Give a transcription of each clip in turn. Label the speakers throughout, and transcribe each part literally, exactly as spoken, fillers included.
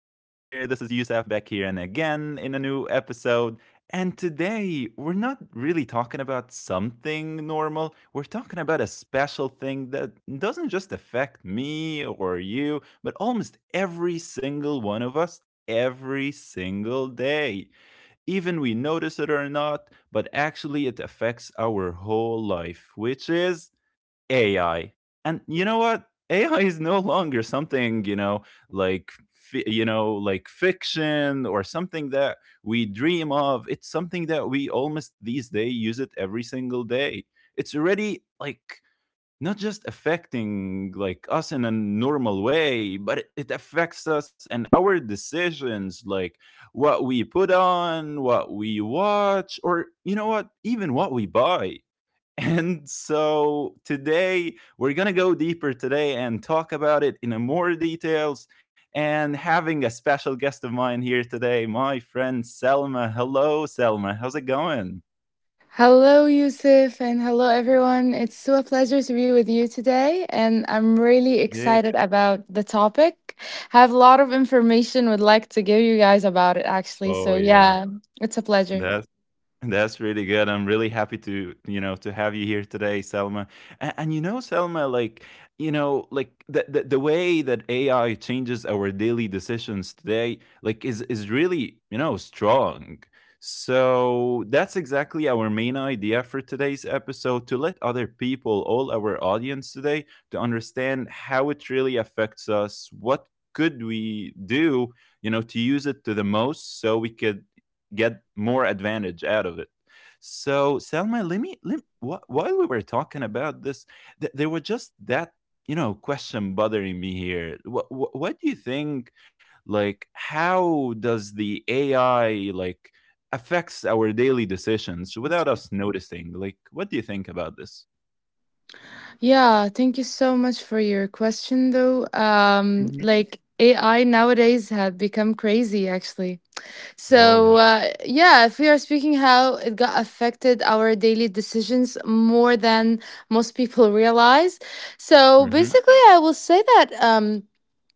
Speaker 1: This is Youssef back here and again in a new episode. And today, we're not really talking about something normal. We're talking about a special thing that doesn't just affect me or you, but almost every single one of us every single day. Even we notice it or not, but actually, it affects our whole life, which is A I. And you know what? A I is no longer something, you know, like you know, like fiction or something that we dream of. It's something that we almost these days use it every single day. It's already like not just affecting like us in a normal way, but it affects us and our decisions, like what we put on, what we watch, or you know what, even what we buy, and so today we're going to go deeper today and talk about it in more details, and having a special guest of mine here today, my friend Selma. Hello, Selma. How's it going?
Speaker 2: Hello, Yusuf, and hello, everyone. It's so a pleasure to be with you today, and I'm really
Speaker 1: Yeah.
Speaker 2: excited about the topic. Have a lot of information would like to give you guys about it, actually.
Speaker 1: Oh,
Speaker 2: So
Speaker 1: yeah.
Speaker 2: yeah, it's a pleasure.
Speaker 1: That's That's really good. I'm really happy to, you know, to have you here today, Selma. And, and you know, Selma, like, you know, like the, the the way that A I changes our daily decisions today, like, is is really, you know, strong. So that's exactly our main idea for today's episode to let other people, all our audience today, to understand how it really affects us, what could we do, you know, to use it to the most so we could get more advantage out of it. So, Selma, let me, let, wh- while we were talking about this, th- there was just that, you know, question bothering me here. What, what, what do you think, like, how does the A I, like, affects our daily decisions without us noticing? Like, what do you think about this?
Speaker 2: Yeah, thank you so much for your question, though. Um,
Speaker 1: Hmm.
Speaker 2: like A I nowadays had become crazy, actually.
Speaker 1: Oh,
Speaker 2: So,
Speaker 1: yeah.
Speaker 2: uh, yeah, if we are speaking how it got affected our daily decisions more than most people realize. So,
Speaker 1: Mm-hmm.
Speaker 2: basically, I will say that. Um,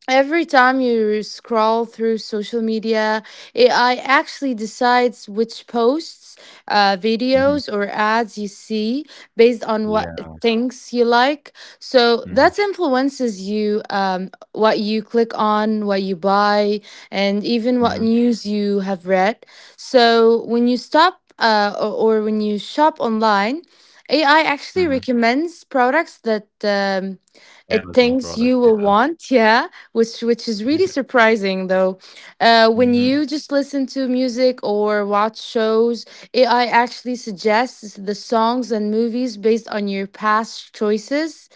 Speaker 2: Every time you scroll through social media, A I actually decides which posts, uh, videos,
Speaker 1: Mm-hmm.
Speaker 2: or ads you see based on what it
Speaker 1: Yeah.
Speaker 2: thinks you like. So that
Speaker 1: Mm-hmm.
Speaker 2: influences you, um, what you click on, what you buy, and even
Speaker 1: Mm-hmm.
Speaker 2: what news you have read. So when you stop uh, or, or when you shop online, A I actually
Speaker 1: Mm-hmm.
Speaker 2: recommends products that um, it
Speaker 1: Amazon
Speaker 2: thinks you
Speaker 1: product.
Speaker 2: will
Speaker 1: Yeah.
Speaker 2: want. Yeah, which which is really
Speaker 1: Yeah.
Speaker 2: surprising though. Uh, when you
Speaker 1: Mm-hmm.
Speaker 2: just listen to music or watch shows, A I actually suggests the songs and movies based on your past choices.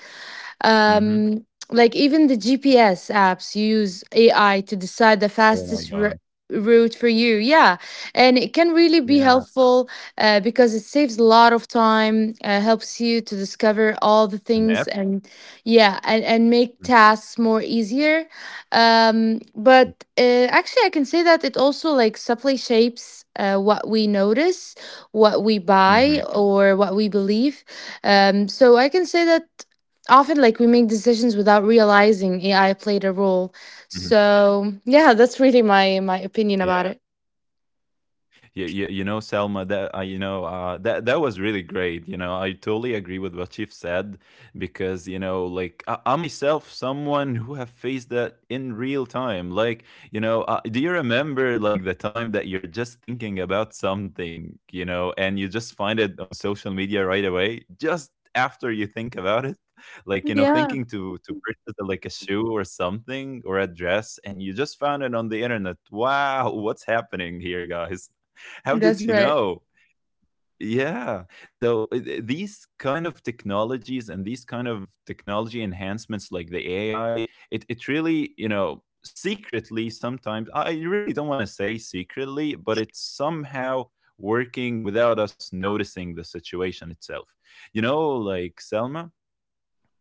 Speaker 1: Mm-hmm.
Speaker 2: Um, like even the G P S apps use A I to decide the
Speaker 1: Oh, my
Speaker 2: fastest ru-
Speaker 1: God.
Speaker 2: route for you. Yeah, and it can really be
Speaker 1: Yeah.
Speaker 2: helpful uh, because it saves a lot of time, uh, helps you to discover all the
Speaker 1: An
Speaker 2: things, and yeah, and and make
Speaker 1: mhm,
Speaker 2: tasks more easier. Um,
Speaker 1: mhm,
Speaker 2: but uh, actually, I can say that it also like subtly shapes uh, what we notice, what we buy,
Speaker 1: mhm,
Speaker 2: or what we believe. Um, so I can say that often like we make decisions without realizing A I played a role.
Speaker 1: mhm.
Speaker 2: So yeah, that's really my my opinion about
Speaker 1: Yeah.
Speaker 2: it.
Speaker 1: you, you, you know, Selma, that uh, you know, uh, that that was really great. You know, I totally agree with what you've said, because you know, like I, I'm myself someone who have faced that in real time. Like, you know, uh, do you remember like the time that you're just thinking about something, you know, and you just find it on social media right away just after you think about it? Like, you know,
Speaker 2: Yeah,
Speaker 1: thinking to to purchase, uh, like a shoe or something or a dress, and you just found it on the internet. Wow, what's happening here, guys? How did
Speaker 2: that's
Speaker 1: you
Speaker 2: right.
Speaker 1: know? Yeah. So uh, th- these kind of technologies and these kind of technology enhancements like the A I, it, it really, you know, secretly sometimes, I I really don't want to say secretly, but it's somehow working without us noticing the situation itself. You know, like Selma,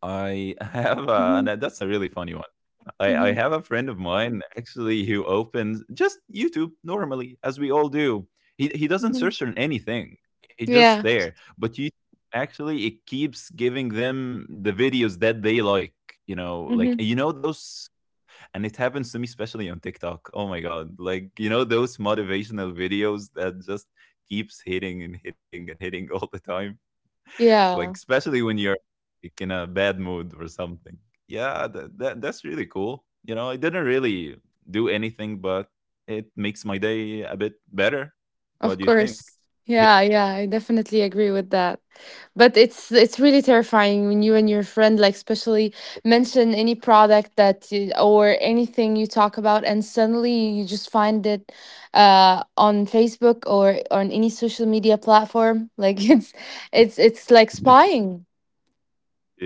Speaker 1: I have a,
Speaker 2: Hmm.
Speaker 1: and that- that's a really funny one. I, I
Speaker 2: Hmm.
Speaker 1: have a friend of mine actually who opens just YouTube normally, as we all do. He he doesn't
Speaker 2: Hmm.
Speaker 1: search on anything. He just
Speaker 2: Yeah.
Speaker 1: there. But you actually, it keeps giving them the videos that they like. You know, like
Speaker 2: Hmm.
Speaker 1: you know those, and it happens to me especially on TikTok. Oh my god! Like you know those motivational videos that just keeps hitting and hitting and hitting all the time, like
Speaker 2: Yeah.
Speaker 1: especially when you're like, in a bad mood or something. Yeah, that, that that's really cool. You know, I didn't really do anything, but it makes my day a bit better. What
Speaker 2: Of
Speaker 1: do you think?
Speaker 2: course.
Speaker 1: Yeah,
Speaker 2: Yeah, yeah, I definitely agree with that. But it's it's really terrifying when you and your friend, like, especially mention any product that you, or anything you talk about and suddenly you just find it uh on Facebook or on any social media platform. Like, it's it's it's like
Speaker 1: yeah.
Speaker 2: spying.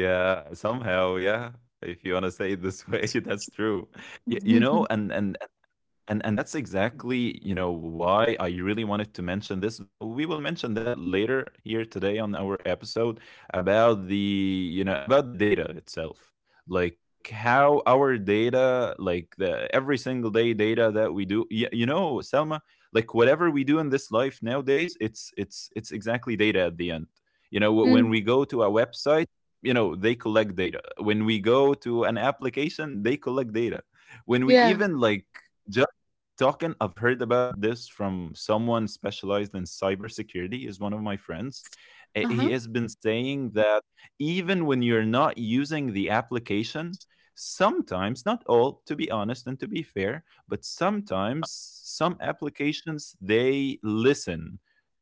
Speaker 1: Yeah, somehow, yeah. If you want to say it this way, that's true. Y- you know, and and and and that's exactly, you know, why I really wanted to mention this, that we will mention that later here today on our episode about the, you know, about the data itself. Like how our data, like the every single day data that we do, you, you know, Selma, like whatever we do in this life nowadays, it's it's it's exactly data at the end. You know, wh- when
Speaker 2: Mm,
Speaker 1: we go to a website, you know, they collect data. When we go to an application, they collect data. When we
Speaker 2: yeah.
Speaker 1: even like talking, I've heard about this from someone specialized in cybersecurity, is one of my friends. Uh, he
Speaker 2: Uh-huh.
Speaker 1: has been saying that even when you're not using the application, sometimes not all, to be honest and to be fair, but sometimes some applications, they listen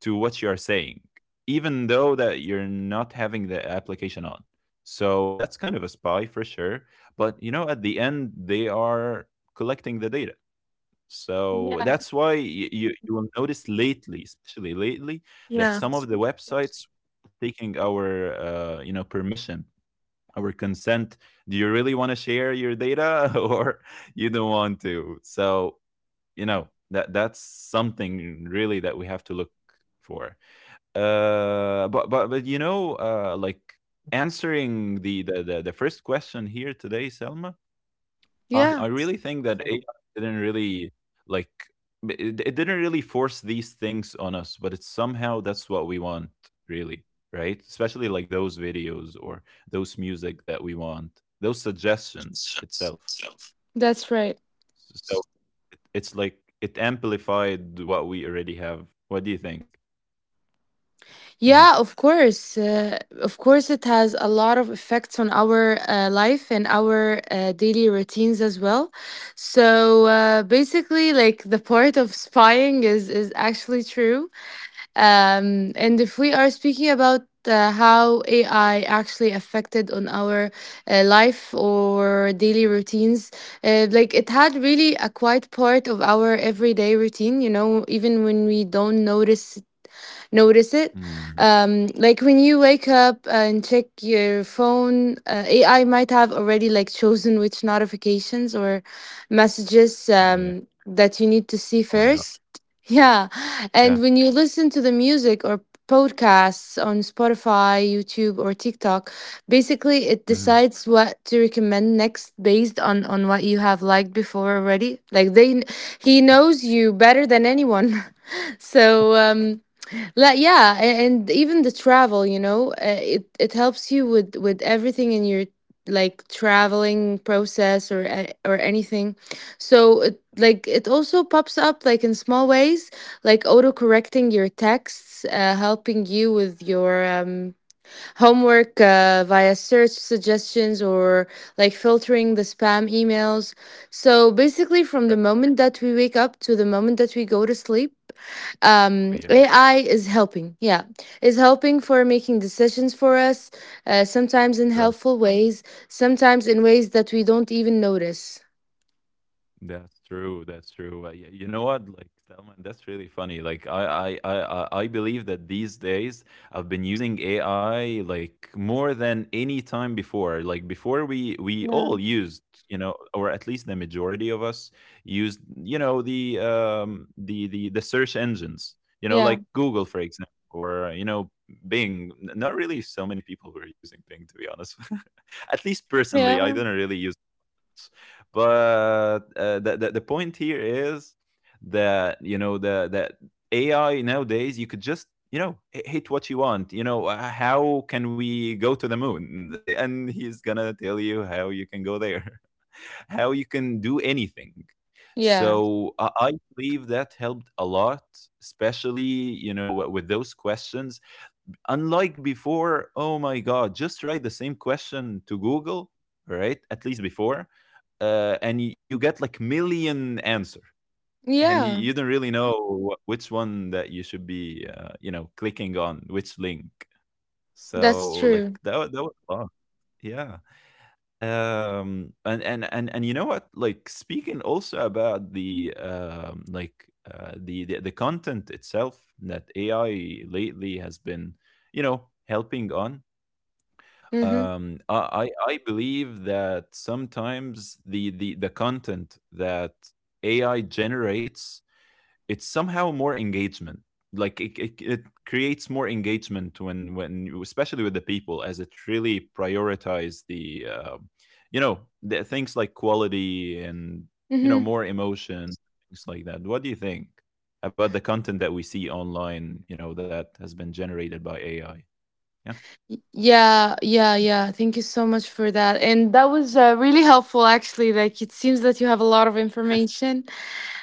Speaker 1: to what you are saying, even though that you're not having the application on. So that's kind of a spy for sure. But you know, at the end, they are collecting the data. So
Speaker 2: Yeah.
Speaker 1: that's why you, you, you will notice lately, especially lately, that
Speaker 2: Yeah.
Speaker 1: some of the websites taking our uh, you know, permission, our consent. Do you really want to share your data or you don't want to? So you know, that that's something really that we have to look for. Uh, but but but you know, uh, like answering the, the the the first question here today, Selma, I
Speaker 2: Yeah,
Speaker 1: I really think that A I didn't really like b- it, it didn't really force these things on us, but it's somehow that's what we want, really, right? Especially like those videos or those music that we want, those suggestions itself.
Speaker 2: that's right.
Speaker 1: S- So it, it's like it amplified what we already have. What do you think?
Speaker 2: Yeah,
Speaker 1: Mm-hmm.
Speaker 2: of course. Uh, of course, it has a lot of effects on our uh, life and our uh, daily routines as well. So uh, basically, like the part of spying is is actually true. Um, and if we are speaking about uh, how A I actually affected on our uh, life or daily routines, uh, like it had really a quite part of our everyday routine. You know, even when we don't notice notice it.
Speaker 1: Mm.
Speaker 2: Um, like when you wake up and check your phone, uh, A I might have already like chosen which notifications or messages
Speaker 1: Yeah.
Speaker 2: um, that you need to see
Speaker 1: Oh my god.
Speaker 2: first. Yeah.
Speaker 1: Yeah.
Speaker 2: And when you listen to the music or podcasts on Spotify, YouTube, or TikTok, basically it
Speaker 1: Mm-hmm.
Speaker 2: decides what to recommend next based on on what you have liked before already. Like they, he knows you better than anyone. so um, like yeah, a- and even the travel, you know, uh, it it helps you with with everything in your like traveling process or a- or anything. So it like it also pops up like in small ways, like auto correcting your texts, uh, helping you with your um homework, uh, via search suggestions or like filtering the spam emails. So basically, from the
Speaker 1: Right.
Speaker 2: moment that we wake up to the moment that we go to sleep,
Speaker 1: Oh,
Speaker 2: um,
Speaker 1: yeah.
Speaker 2: A I is helping. Yeah, is helping for making decisions for us, uh, sometimes in
Speaker 1: Right.
Speaker 2: helpful ways, sometimes in ways that we don't even notice.
Speaker 1: That's true. That's true. Uh, y- you know what? Like, Salman, that's really funny. Like, I, I, I, I I believe that these days I've been using A I like more than any time before. Like before, we we
Speaker 2: Yeah.
Speaker 1: all used, you know, or at least the majority of us used, you know, the um the the the search engines, you know,
Speaker 2: Yeah.
Speaker 1: like Google, for example, or you know, Bing. N- Not really so many people were using Bing, to be honest. At least
Speaker 2: Yeah.
Speaker 1: personally, I didn't really use. But uh, the, the the point here is that, you know, the that A I nowadays you could just, you know, h- hit what you want. You know, uh, how can we go to the moon? And he's gonna tell you how you can go there, how you can do anything.
Speaker 2: Yeah.
Speaker 1: So I I believe that helped a lot, especially you know w- with those questions, unlike before. Oh my god, just write the same question to Google, right? At least before, uh, and y- you get like million answer, and y-
Speaker 2: Yeah.
Speaker 1: you don't really know wh- which one that you should be, uh, you know, clicking on, which link.
Speaker 2: That's
Speaker 1: So like
Speaker 2: true.
Speaker 1: that, wa- that was fun. Yeah. Um and, and and and you know what, like speaking also about the um like uh, the, the the content itself that AI lately has been, you know, helping on.
Speaker 2: Mm-hmm.
Speaker 1: um, I, I I believe that sometimes the, the the content that A I generates, it's somehow more engagement. Like it, it, it creates more engagement when when you- especially with the people, as it really prioritize the uh, you know, the things like quality and you know,
Speaker 2: Mm-hmm.
Speaker 1: more emotion, things like that. What do you think about the content that we see online? You know, that has been generated by A I. Yeah.
Speaker 2: Y- Yeah, yeah, yeah. Thank you so much for that. And that was uh, really helpful, actually. Like, it seems that you have a lot of information.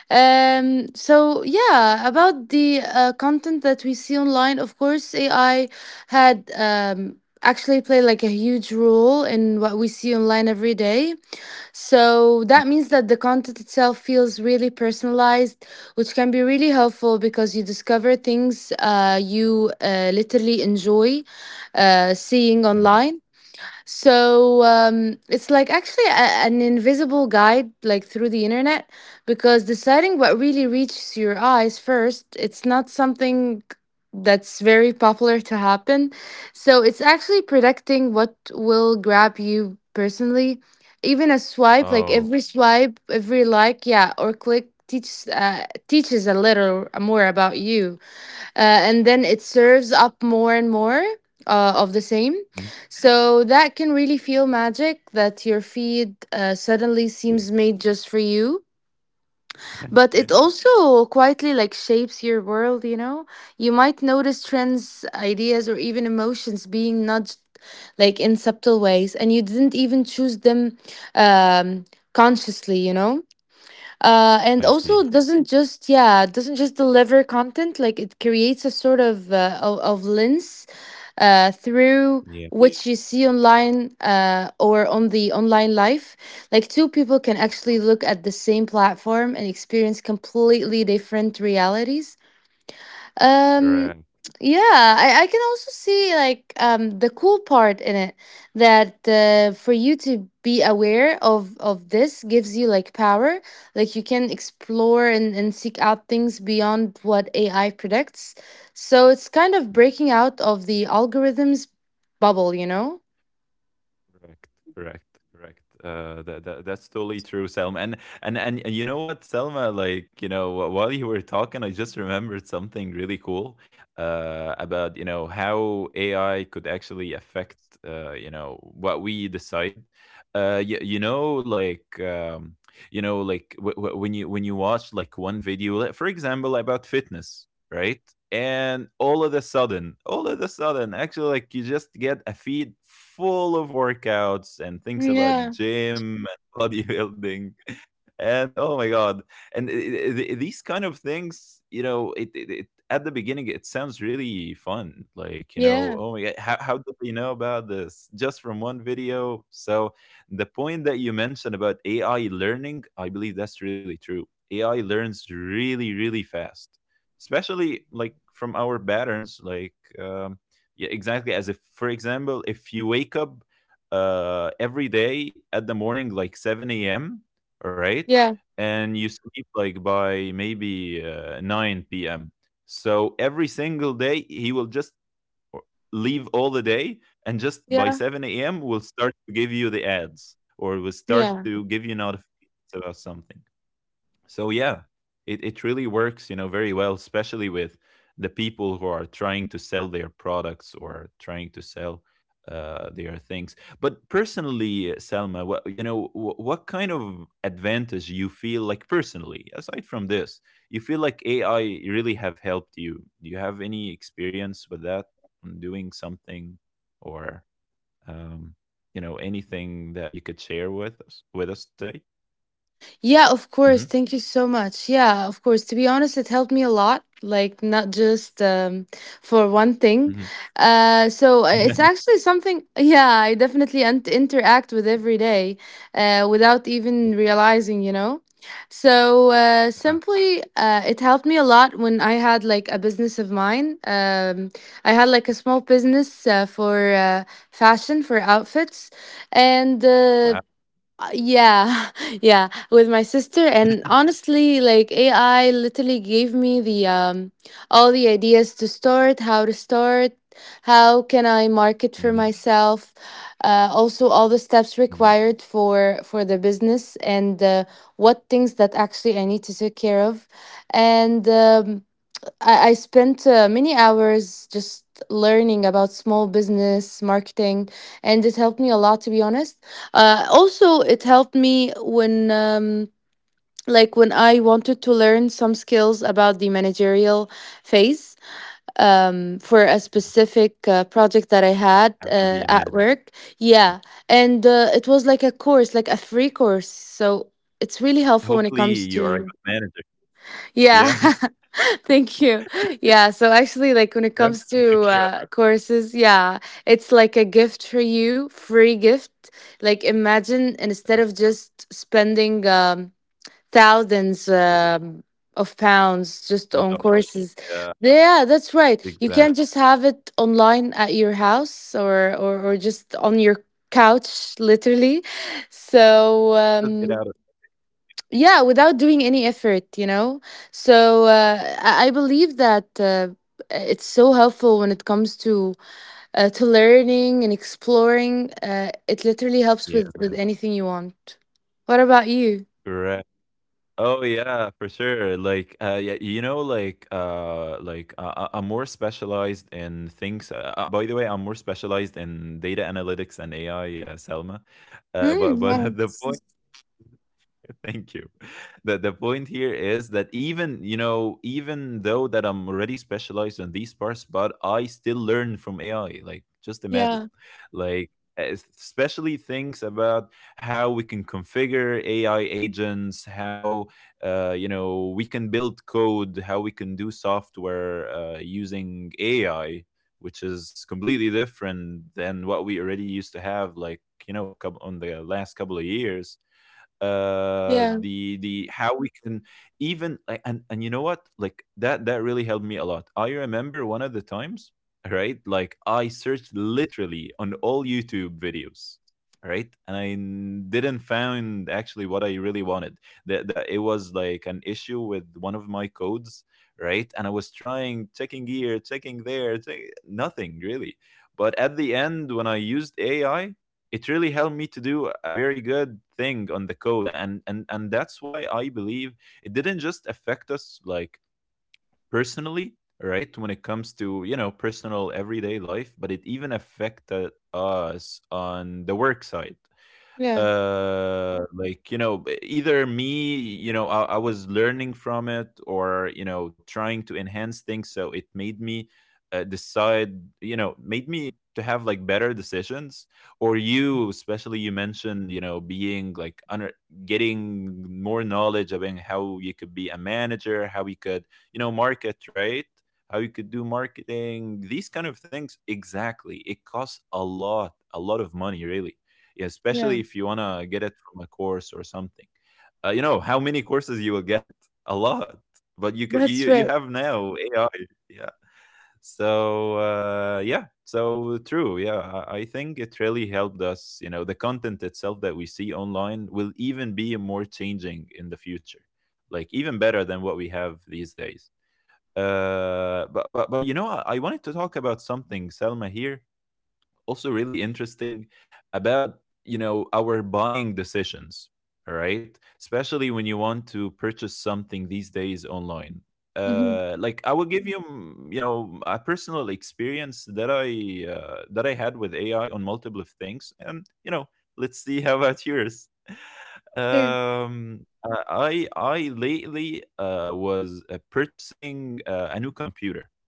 Speaker 2: Um, so, yeah, about the uh, content that we see online, of course, A I had um, actually played like a huge role in what we see online every day. So
Speaker 1: Mm,
Speaker 2: that means that the content itself feels really personalized, which can be really helpful because you discover things, uh, you uh, literally enjoy uh, seeing
Speaker 1: mm.
Speaker 2: online. So um, it's like actually a, an invisible guide, like through the internet, because deciding what really reaches your eyes first, it's not something that's very popular to happen. So it's actually predicting what will grab you personally. Even a swipe, like
Speaker 1: Oh.
Speaker 2: every swipe, every like, yeah, or click teaches uh, teaches a little more about you, uh, and then it serves up more and more uh, of the same. So that can really feel magic that your feed uh, suddenly seems made just for you. But it
Speaker 1: Yeah.
Speaker 2: also quietly like shapes your world, you know? You might notice trends, ideas, or even emotions being nudged like in subtle ways, and you didn't even choose them um, consciously, you know? Uh, and
Speaker 1: I
Speaker 2: also
Speaker 1: see.
Speaker 2: doesn't just, yeah, doesn't just deliver content, like it creates a sort of uh, of, of lens, uh, through
Speaker 1: Yeah.
Speaker 2: which you see online uh, or on the online life. Like two people can actually look at the same platform and experience completely different realities.
Speaker 1: Correct.
Speaker 2: um, yeah, I, I can also see like um the cool part in it, that uh, for you to be aware of of this gives you like power. Like you can explore and, and seek out things beyond what A I predicts. So it's kind of
Speaker 1: Mhm.
Speaker 2: breaking out of the algorithms bubble, you know?
Speaker 1: Correct. Correct. Correct. Uh, that, that that's totally true, Selma. And and and you know what, Selma? Like you know, wh- while you were talking, I just remembered something really cool uh, about, you know, how A I could actually affect uh, you know, what we decide. Uh, you, you know, like um, you know, like w- w- when you when you watch like one video, like, for example, about fitness, right? And all of a sudden, all of a sudden, actually, like you just get a feed full of workouts and things
Speaker 2: Yeah,
Speaker 1: about gym and bodybuilding. And oh my God. And i- i- i- these kind of things, you know, it, it, it at the beginning, it sounds really fun. Like, you know,
Speaker 2: yeah,
Speaker 1: oh my God, how, how did they know about this? Just from one video. So the point that you mentioned about A I learning, I believe that's really true. A I learns really, really fast, especially like from our patterns, like, um, yeah, exactly. As if, for example, if you wake up uh every day at the morning, like seven a m, right,
Speaker 2: yeah,
Speaker 1: and you sleep like by maybe uh, nine p m. So every single day he will just o- leave all the day, and just by
Speaker 2: yeah,
Speaker 1: seven a m will start to give you the ads or will start
Speaker 2: yeah.
Speaker 1: to give you notifications about something. So yeah, it, it really works, you know, very well, especially with the people who are trying to sell their products or trying to sell uh, their things. But personally, Selma, what, you know, wh- what kind of advantage you feel, like personally, aside from this, you feel like AI really have helped you? Do you have any experience with that, on doing something, or um, you know, anything that you could share with us with us today?
Speaker 2: Yeah, of course.
Speaker 1: Mm-hmm.
Speaker 2: Thank you so much. Yeah, of course. To be honest, it helped me a lot. Like not just um, for one thing. Uh, so uh, it's
Speaker 1: Mm-hmm.
Speaker 2: actually something. Yeah, I definitely un- interact with every day, uh, without even realizing. You know. So uh, simply, uh, it helped me a lot when I had like a business of mine. Um, I had like a small business uh, for uh, fashion for outfits, and.
Speaker 1: Wow.
Speaker 2: Uh, uh, yeah, yeah, with my sister, and honestly, like A I literally gave me the um all the ideas to start, how to start, how can I market for
Speaker 1: Mhm,
Speaker 2: myself, uh, also all the steps
Speaker 1: mhm.
Speaker 2: required for for the business, and uh, what things that actually I need to take care of, and um, I, I spent uh, many hours just learning about small business marketing, and it helped me a lot, to be honest. Uh, also, it helped me when. Um, like when I wanted to learn some skills about the managerial phase um, for a
Speaker 1: Yeah.
Speaker 2: specific uh, project that I had
Speaker 1: Have to be a
Speaker 2: uh, at
Speaker 1: man.
Speaker 2: work. Yeah. And uh, it was like a course, like a free course. So it's really helpful when it
Speaker 1: Hopefully,
Speaker 2: comes
Speaker 1: you are a
Speaker 2: to,
Speaker 1: good manager.
Speaker 2: yeah.
Speaker 1: Yeah.
Speaker 2: Thank you. Yeah. So actually, like when it
Speaker 1: Yep.
Speaker 2: comes to
Speaker 1: Yeah.
Speaker 2: uh, courses, yeah, it's like a gift for you, free gift. Like imagine instead of just spending um, thousands
Speaker 1: Cool.
Speaker 2: um, of pounds just on
Speaker 1: ten dollars.
Speaker 2: courses,
Speaker 1: Yeah,
Speaker 2: yeah, that's right. You
Speaker 1: exactly.
Speaker 2: can't just have it online at your house or or, or just on your couch, literally. So.
Speaker 1: Just get out
Speaker 2: Um,
Speaker 1: of
Speaker 2: yeah, without doing any effort, you know. So uh, i I believe that uh, it's so helpful when it comes to uh, to learning and exploring. Uh, it literally helps with
Speaker 1: here.
Speaker 2: with anything you want. What about you?
Speaker 1: Correct. Oh, yeah, for sure. Like, uh, yeah, you know, like, uh, like uh, uh, I'm more specialized in things. Uh, uh, by the way, I'm more specialized in data analytics and A I, uh, Selma. Uh,
Speaker 2: Mm,
Speaker 1: but but the
Speaker 2: yes.
Speaker 1: point. Thank you. The the point here is that, even, you know, even though that I'm already specialized on these parts, but I still learn from A I. Like, just imagine.
Speaker 2: Yeah,
Speaker 1: Like, es- especially things about how we can configure A I agents, how, uh, you know, we can build code, how we can do software, uh, using A I, which is completely different than what we already used to have, like, you know, coup- on the last couple of years. uh
Speaker 2: yeah,
Speaker 1: the the how we can, even like, and and you know what, like that that really helped me a lot. I remember one of the times, right, like I searched literally on all YouTube videos, right, and I n- didn't find actually what I really wanted. That that it was like an issue with one of my codes, right, and I was trying, checking here, checking there, check, nothing really. But at the end, when I used AI, it really helped me to do a very good thing on the code. And and and that's why I believe it didn't just affect us like personally, right, when it comes to, you know, personal everyday life, but it even affected us on the work side.
Speaker 2: yeah,
Speaker 1: Uh like, you know, b- either me, you know, I, I was learning from it, or, you know, trying to enhance things, so it made me uh, decide, you know, made me to have like better decisions, or you, especially you mentioned, you know, being like under, getting more knowledge about how you could be a manager, how you could, you know, market, right, how you could do marketing. These kind of things, exactly, it costs a lot, a lot of money really. Yeah,
Speaker 2: yeah,
Speaker 1: especially if you want to get it from a course or something. Uh, you know how many courses you will get? A lot. But you could you
Speaker 2: that's
Speaker 1: you
Speaker 2: right.
Speaker 1: have now A I. Yeah. So uh, yeah. So true. Yeah, I, I think it really helped us. You know, the content itself that we see online will even be more changing in the future, like even better than what we have these days. Uh, but but but you know, I, I wanted to talk about something, Selma, here, also really interesting, about, you know, our buying decisions. All right, especially when you want to purchase something these days online.
Speaker 2: Hmm.
Speaker 1: Uh like, I will give you, mm, you know, a personal experience that i uh, that i had with AI on multiple things, and, you know, let's see how about yours.
Speaker 2: Sure.
Speaker 1: Um uh, i i lately uh was uh, purchasing uh, a new computer.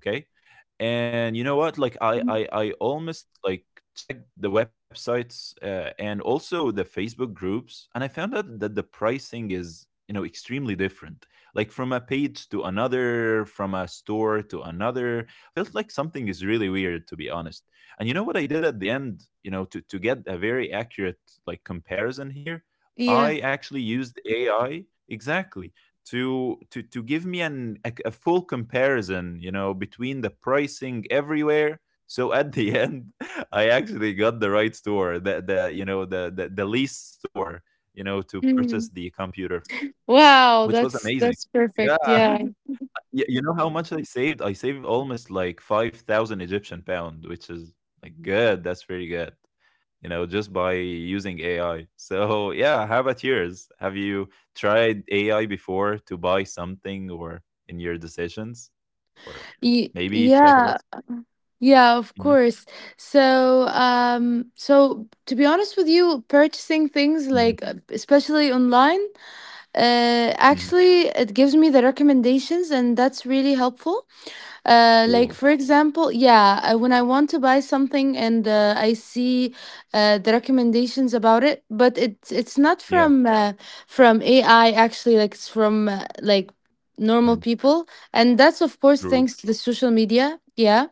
Speaker 1: Okay. And you know what? Like I
Speaker 2: Mhm.
Speaker 1: I, I almost like checked the websites, uh, and also the Facebook groups, and I found out that the pricing is, you know, extremely different. Like from a page to another, from a store to another, felt like something is really weird, to be honest. And you know what I did at the end? You know, to to get a very accurate, like, comparison here,
Speaker 2: Yeah.
Speaker 1: I actually used A I, exactly, to to to give me an a, a full comparison, you know, between the pricing everywhere. So at the end, I actually got the right store, the the you know, the the, the least store, you know, to
Speaker 2: Mhm.
Speaker 1: purchase the computer from,
Speaker 2: Wow,
Speaker 1: which was
Speaker 2: that's
Speaker 1: amazing.
Speaker 2: that's perfect,
Speaker 1: Yeah.
Speaker 2: yeah.
Speaker 1: Y- you know how much i saved i saved almost like five thousand Egyptian pound, which is like good. That's pretty good, you know, just by using A I. So, yeah, how about yours? Have you tried A I before to buy something, or in your decisions? Or
Speaker 2: Y-
Speaker 1: maybe check about.
Speaker 2: yeah, Yeah, of
Speaker 1: Mhm,
Speaker 2: course. So, um, so to be honest with you, purchasing things
Speaker 1: mhm,
Speaker 2: like, uh, especially online, uh,
Speaker 1: mhm.
Speaker 2: actually it gives me the recommendations and that's really helpful. Uh, like for
Speaker 1: Cool.
Speaker 2: example, yeah, uh, when I want to buy something and uh, I see uh, the recommendations about it, but it's it's not
Speaker 1: Yeah.
Speaker 2: from uh, from A I actually, like it's from uh, like normal
Speaker 1: Mhm.
Speaker 2: people, and that's of course
Speaker 1: Group.
Speaker 2: thanks to the social media. Yeah,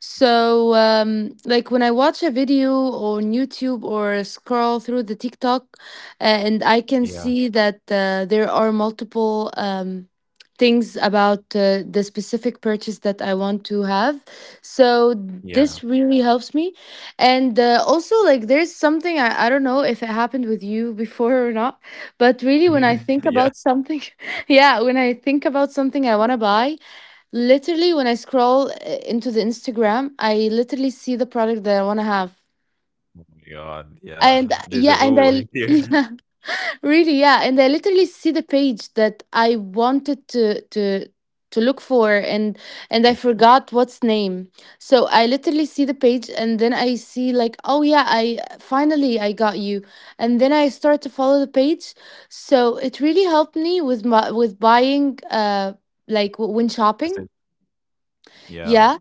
Speaker 2: so, um, like when I watch a video on YouTube or scroll through the TikTok, uh, and I can
Speaker 1: Yeah.
Speaker 2: see that uh, there are multiple um, things about uh, the specific purchase that I want to have. So, this
Speaker 1: Yeah.
Speaker 2: really helps me. And uh, also, like, there's something I, I don't know if it happened with you before or not, but really, when I think
Speaker 1: Yeah.
Speaker 2: about something, yeah, when I think about something I want to buy, literally, when I scroll uh, into the Instagram, I literally see the product that I want to have.
Speaker 1: Oh my God. Yeah.
Speaker 2: And uh,
Speaker 1: Deja
Speaker 2: yeah, and
Speaker 1: vu
Speaker 2: I,
Speaker 1: here.
Speaker 2: yeah, really, yeah, and I literally see the page that I wanted to to to look for and and
Speaker 1: Yeah.
Speaker 2: I forgot what's name. So I literally see the page and then I see like, "Oh yeah, I finally I got you." And then I start to follow the page. So it really helped me with my with buying, uh like w- when shopping.
Speaker 1: Decision. Yeah.
Speaker 2: Yeah,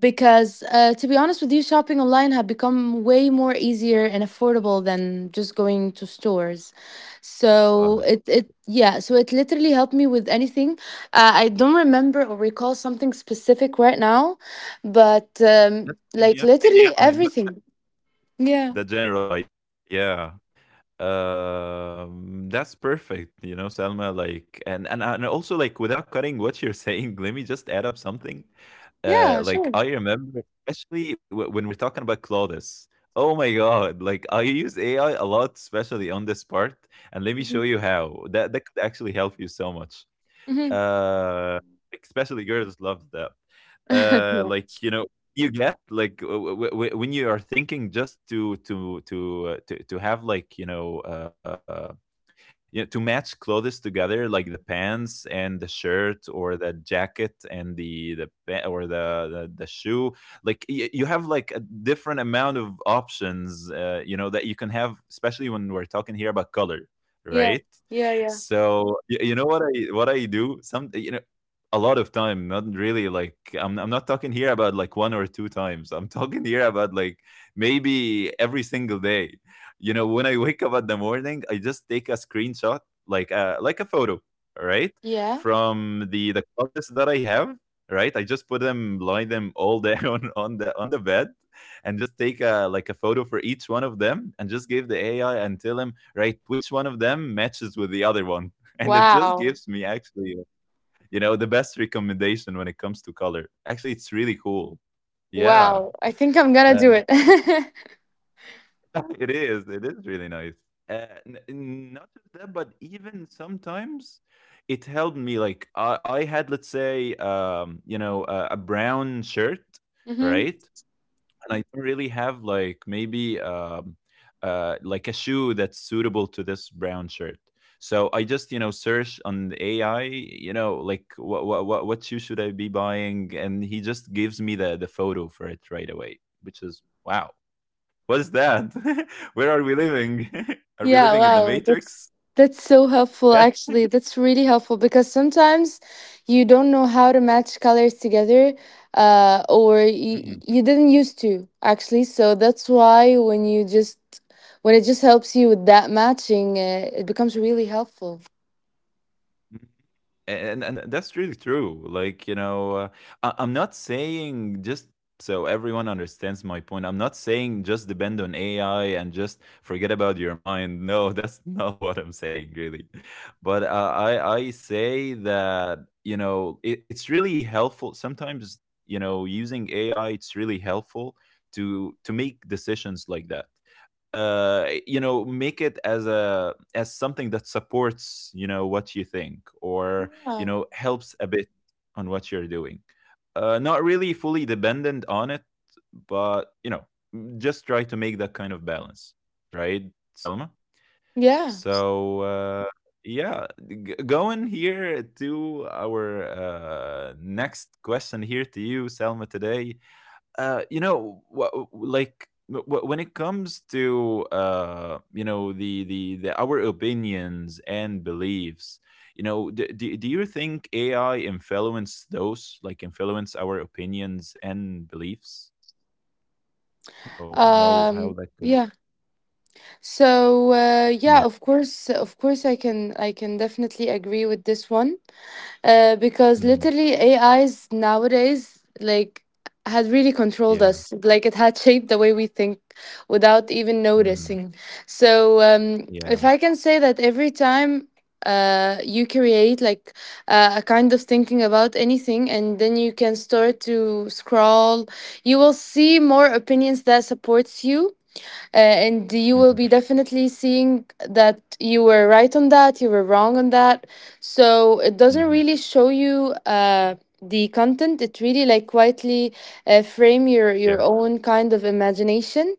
Speaker 2: because uh, to be honest with you, shopping online have become way more easier and affordable than just going to stores. So
Speaker 1: Uh,
Speaker 2: it it yeah, so it literally helped me with anything. Uh, I don't remember or recall something specific right now, but um,
Speaker 1: that's
Speaker 2: like
Speaker 1: fine. Yeah.
Speaker 2: literally Yeah.
Speaker 1: Fine, but
Speaker 2: everything. Yeah,
Speaker 1: the general idea. Yeah. Um, that's perfect, you know, Selma. Like, and and and also, like, without cutting what you're saying, let me just add up something.
Speaker 2: yeah,
Speaker 1: Uh,
Speaker 2: sure.
Speaker 1: like, I remember, especially w- when we're talking about Claudius. Oh my God! Like, I use A I a lot, especially on this part, and let me
Speaker 2: Hmm.
Speaker 1: show you how that that could actually help you so much.
Speaker 2: Hmm.
Speaker 1: Uh, Especially girls love that. Uh
Speaker 2: yeah,
Speaker 1: like, you know, you get like w- w- w- when you are thinking, just to to to uh, to, to have, like, you know, uh yeah, to match clothes together, like the pants and the shirt, or the jacket and the the pa- or the the, the shoe. Like y- you have like a different amount of options, uh, you know, that you can have, especially when we're talking here about color,
Speaker 2: yeah,
Speaker 1: right?
Speaker 2: yeah, yeah.
Speaker 1: So you, you know what I what I do? Some, you know, a lot of time, not really, like I'm, I'm not talking here about like one or two times, I'm talking here about like maybe every single day. You know when I wake up at the morning, I just take a screenshot, like a like a photo, right,
Speaker 2: Yeah.
Speaker 1: from the the clothes that I have, right. I just put them, lie them all down, on the on the bed, and just take a like a photo for each one of them, and just give the AI and tell him, right, which one of them matches with the other one. And it just
Speaker 2: Wow.
Speaker 1: gives me, actually, you know, the best recommendation when it comes to color. Actually, it's really cool. Yeah.
Speaker 2: Wow. I think I'm gonna do it.
Speaker 1: Uh, It is. It is really nice. Uh, n- n- not just that, but even sometimes it helped me. Like I, I had, let's say, um, you know, a, a brown shirt,
Speaker 2: Hmm.
Speaker 1: right? And I don't really have, like, maybe um, uh, like a shoe that's suitable to this brown shirt. So I just, you know, search on the A I, you know, like what what what what shoe should I be buying, and he just gives me the the photo for it right away, which is wow. What's that? Where are we living? Are we
Speaker 2: Yeah,
Speaker 1: living in the
Speaker 2: wow.
Speaker 1: Matrix?
Speaker 2: That's that's so helpful
Speaker 1: Yeah.
Speaker 2: actually. That's really helpful because sometimes you don't know how to match colors together uh or you,
Speaker 1: Mm.
Speaker 2: you didn't used to actually. So that's why when you just when it just helps you with that matching, uh, it becomes really helpful.
Speaker 1: and and that's really true, like, you know, uh, I- I'm not saying, just so everyone understands my point, I'm not saying just depend on AI and just forget about your mind, no, that's not what I'm saying really. But uh, i i say that, you know, it, it's really helpful sometimes, you know, using AI, it's really helpful to to make decisions like that. Uh you know, make it as a as something that supports, you know, what you think, or, you
Speaker 2: Yeah.
Speaker 1: know, helps a bit on what you're doing. Uh, not really fully dependent on it, but, you know, just try to make that kind of balance, right, Selma.
Speaker 2: Yeah.
Speaker 1: So uh, yeah, g- going here to our uh, next question here to you, Selma, today. Uh, you know, wha- like wh- when it comes to, uh, you know, the the the our opinions and beliefs, you know, do, do, do you think A I influence those, like influence our opinions and beliefs? You know how how
Speaker 2: Um
Speaker 1: that could.
Speaker 2: yeah. So uh
Speaker 1: Yeah.
Speaker 2: yeah, of course of course I can I can definitely agree with this one. Uh, because
Speaker 1: Mhm.
Speaker 2: literally A Is nowadays like had really controlled
Speaker 1: Yeah.
Speaker 2: us. Like it had shaped the way we think without even
Speaker 1: Hmm.
Speaker 2: noticing. So um,
Speaker 1: Yeah.
Speaker 2: if I can say that every time uh you create like uh, a kind of thinking about anything, and then you can start to scroll, you will see more opinions that supports you, uh, and you will
Speaker 1: Hmm.
Speaker 2: be definitely seeing that you were right on that, you were wrong on that. So it doesn't
Speaker 1: Hmm.
Speaker 2: really show you uh, the content. It really like quietly uh, frame your
Speaker 1: Yeah.
Speaker 2: your own kind of imagination.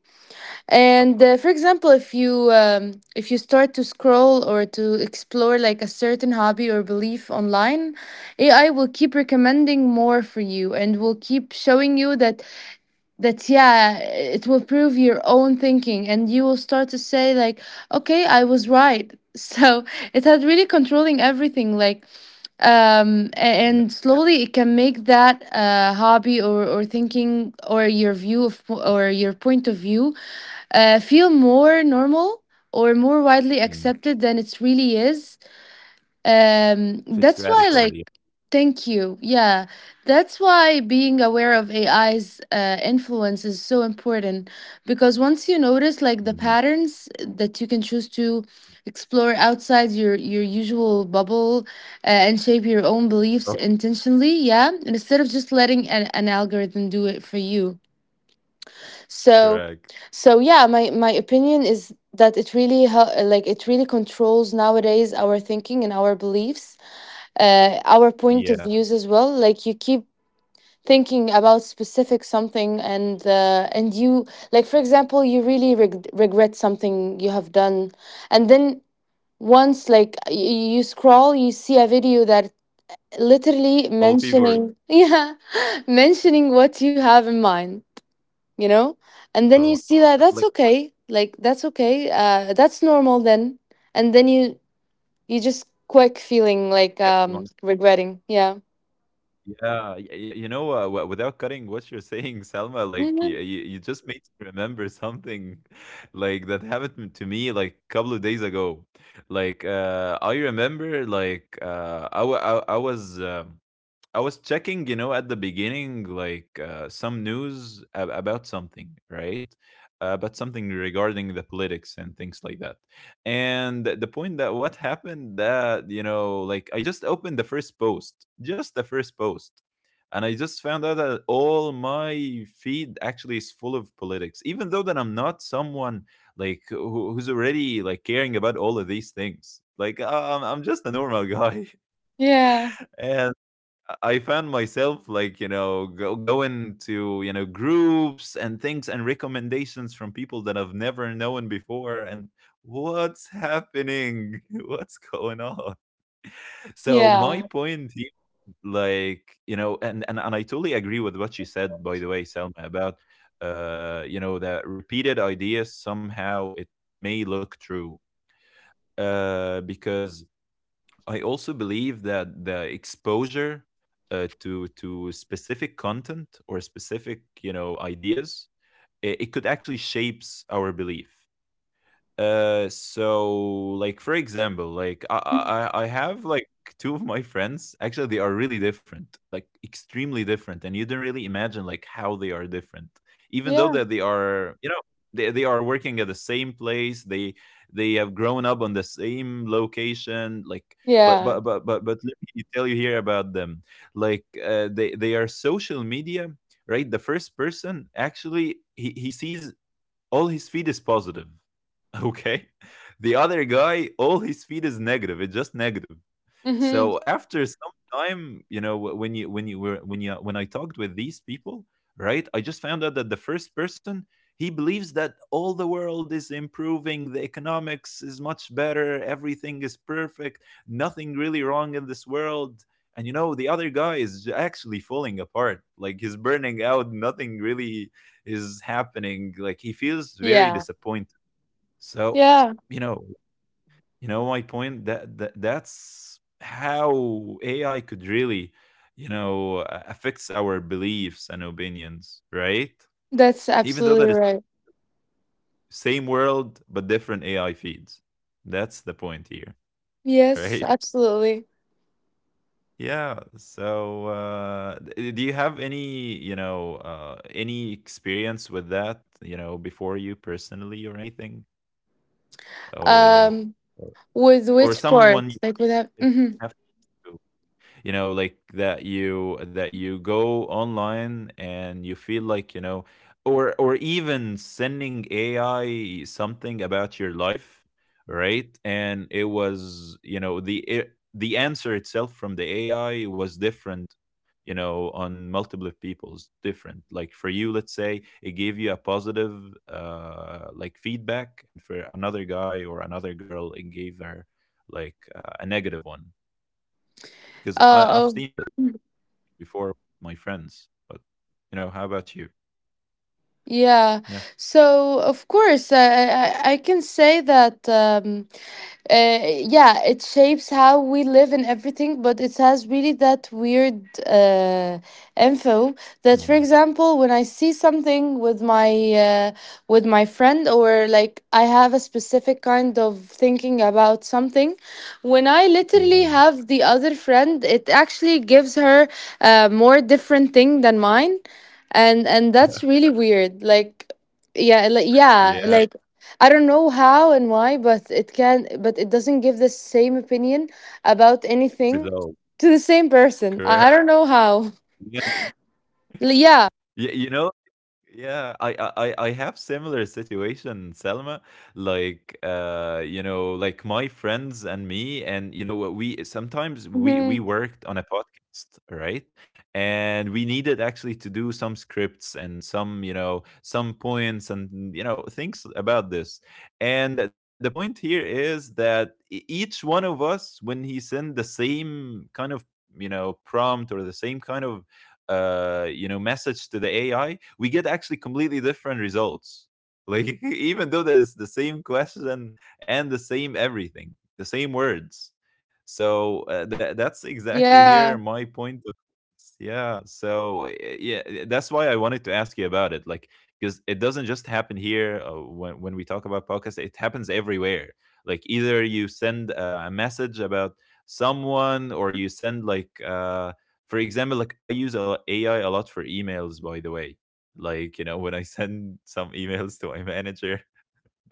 Speaker 2: And
Speaker 1: Oh,
Speaker 2: uh, for example, if you um, if you start to scroll or to explore like a certain hobby or belief online, A I will keep recommending more for you and will keep showing you that that yeah it will prove your own thinking, and you will start to say like, "Okay, I was right." So it had really controlling everything, like um a-
Speaker 1: yeah.
Speaker 2: and slowly it can make that uh hobby or or thinking or your view of or your point of view uh feel more normal or more widely
Speaker 1: Mm.
Speaker 2: accepted than it really is.
Speaker 1: If it's
Speaker 2: Um
Speaker 1: radical,
Speaker 2: that's
Speaker 1: yeah.
Speaker 2: why like Thank you. Yeah, that's why being aware of A I's uh, influence is so important, because once you notice
Speaker 1: Hmm.
Speaker 2: like the patterns, that you can choose to explore outside your your usual bubble uh, and shape your own
Speaker 1: Oh,
Speaker 2: beliefs intentionally, yeah, instead of just letting an, an algorithm do it for you. So,
Speaker 1: correct.
Speaker 2: so yeah, my my opinion is that it really hel- like it really controls nowadays our thinking and our beliefs, uh, our
Speaker 1: Yeah.
Speaker 2: point of views as well. Like you keep thinking about specific something, and uh, and you, like for example, you really reg- regret something you have done, and then once like y- you scroll you see a video that literally
Speaker 1: All people are-
Speaker 2: mentioning yeah mentioning what you have in mind, you know? And then
Speaker 1: oh,
Speaker 2: you see that
Speaker 1: like
Speaker 2: that's okay, like that's okay, uh, that's normal then. And then you you just quick feeling like um
Speaker 1: everyone.
Speaker 2: regretting, yeah.
Speaker 1: Yeah, y y you know, uh, w without cutting what you're saying, Selma, like you,
Speaker 2: Mm-hmm.
Speaker 1: you just made me remember something like that happened to me like a couple of days ago. Like uh I remember, like uh I wa- I, I was um I was checking, you know, at the beginning, like uh, some news ab- about something, right? Uh, about something regarding the politics and things like that. And the point that what happened that, you know, like I just opened the first post, just the first post. And I just found out that all my feed actually is full of politics, even though that I'm not someone like who, who's already like caring about all of these things. Like uh, I'm, I'm just a normal guy.
Speaker 2: Yeah,
Speaker 1: And I found myself like you know go, going to you know groups and things and recommendations from people that I've never known before and what's happening. What's going on? So my
Speaker 2: yeah,
Speaker 1: point here, like you know and, and and I totally agree with what you said by the way, Selma, about uh you know that repeated ideas somehow it may look true uh because I also believe that the exposure, uh, to to specific content or specific you know ideas, it, it could actually shapes our belief. Uh, so like for example, like I I I have like two of my friends. Actually, they are really different, like extremely different, and you don't really imagine like how they are different, even though
Speaker 2: yeah,
Speaker 1: that they are you know they they are working at the same place. They they have grown up on the same location, like. But
Speaker 2: yeah,
Speaker 1: but but but but let me tell you here about them. Like uh, they they are social media, right? The first person, actually, he he sees all his feed is positive, okay. The other guy, all his feed is negative, it's just negative.
Speaker 2: mhm,
Speaker 1: So after some time, you know, wh- when you when you were when you when I talked with these people, right, I just found out that the first person, he believes that all the world is improving, the economics is much better, everything is perfect, nothing really wrong in this world. And you know, the other guy is j- actually falling apart, like he's burning out, nothing really is happening, like he
Speaker 2: yeah,
Speaker 1: feels very disappointed.
Speaker 2: yeah,
Speaker 1: So, you know, you know my point? That that that's how A I could really, you know, a- affects our beliefs and opinions, right?
Speaker 2: that's
Speaker 1: Even though that
Speaker 2: absolutely
Speaker 1: is
Speaker 2: right.
Speaker 1: same world but different A I feeds. That's the point here,
Speaker 2: Yes,
Speaker 1: right?
Speaker 2: absolutely.
Speaker 1: Yeah. So, uh, d- do you have any, you know, uh, any experience with that, you know, before you personally or anything, or
Speaker 2: Um,
Speaker 1: or
Speaker 2: with
Speaker 1: or
Speaker 2: which
Speaker 1: someone
Speaker 2: part?
Speaker 1: you
Speaker 2: Like with that? Mm-hmm.
Speaker 1: have to? You know, like that you that you go online and you feel like you know, or or even sending AI something about your life, right? And it was you know the it, the answer itself from the AI was different, you know, on multiple people's different. Like for you, let's say it gave you a positive uh like feedback, and for another guy or another girl, it gave her like uh, a negative one. Because I,
Speaker 2: Uh,
Speaker 1: I've seen this before my friends. But you know, how about you?
Speaker 2: yeah.
Speaker 1: Yeah.
Speaker 2: So, of course, I, I, I can say that, um, uh, yeah, it shapes how we live and everything, but it has really that weird uh, info that, for
Speaker 1: Mm.
Speaker 2: example, when I see something with my uh, with my friend, or like I have a specific kind of thinking about something, when I literally
Speaker 1: Yeah.
Speaker 2: have the other friend, it actually gives her a more different thing than mine. And and that's really weird, like yeah like, yeah
Speaker 1: Yeah.
Speaker 2: like I don't know how and why, but it can, but it doesn't give the same opinion about anything
Speaker 1: Result.
Speaker 2: to the same person.
Speaker 1: Correct.
Speaker 2: i, I don't know how.
Speaker 1: Yeah.
Speaker 2: L- yeah.
Speaker 1: Y- You know, yeah, I I I I have similar situation, Selma. Like uh, you know, like my friends and me, and you know, what we sometimes we we
Speaker 2: Hmm.
Speaker 1: worked on a podcast, right? And we needed actually to do some scripts and some you know some points and you know things about this. And the point here is that e- each one of us, when he sent the same kind of you know prompt or the same kind of uh, you know message to the A I, we get actually completely different results. Like even though there's the same question and the same everything, the same words. So uh, that that's exactly here
Speaker 2: Yeah.
Speaker 1: my point of yeah. So uh, yeah, uh, that's why I wanted to ask you about it, like because it doesn't just happen here uh, when when we talk about podcasts. It happens everywhere. Like either you send uh, a message about someone, or you send like uh, for example, like I use a lo- A I a lot for emails. By the way, like you know when I send some emails to my manager,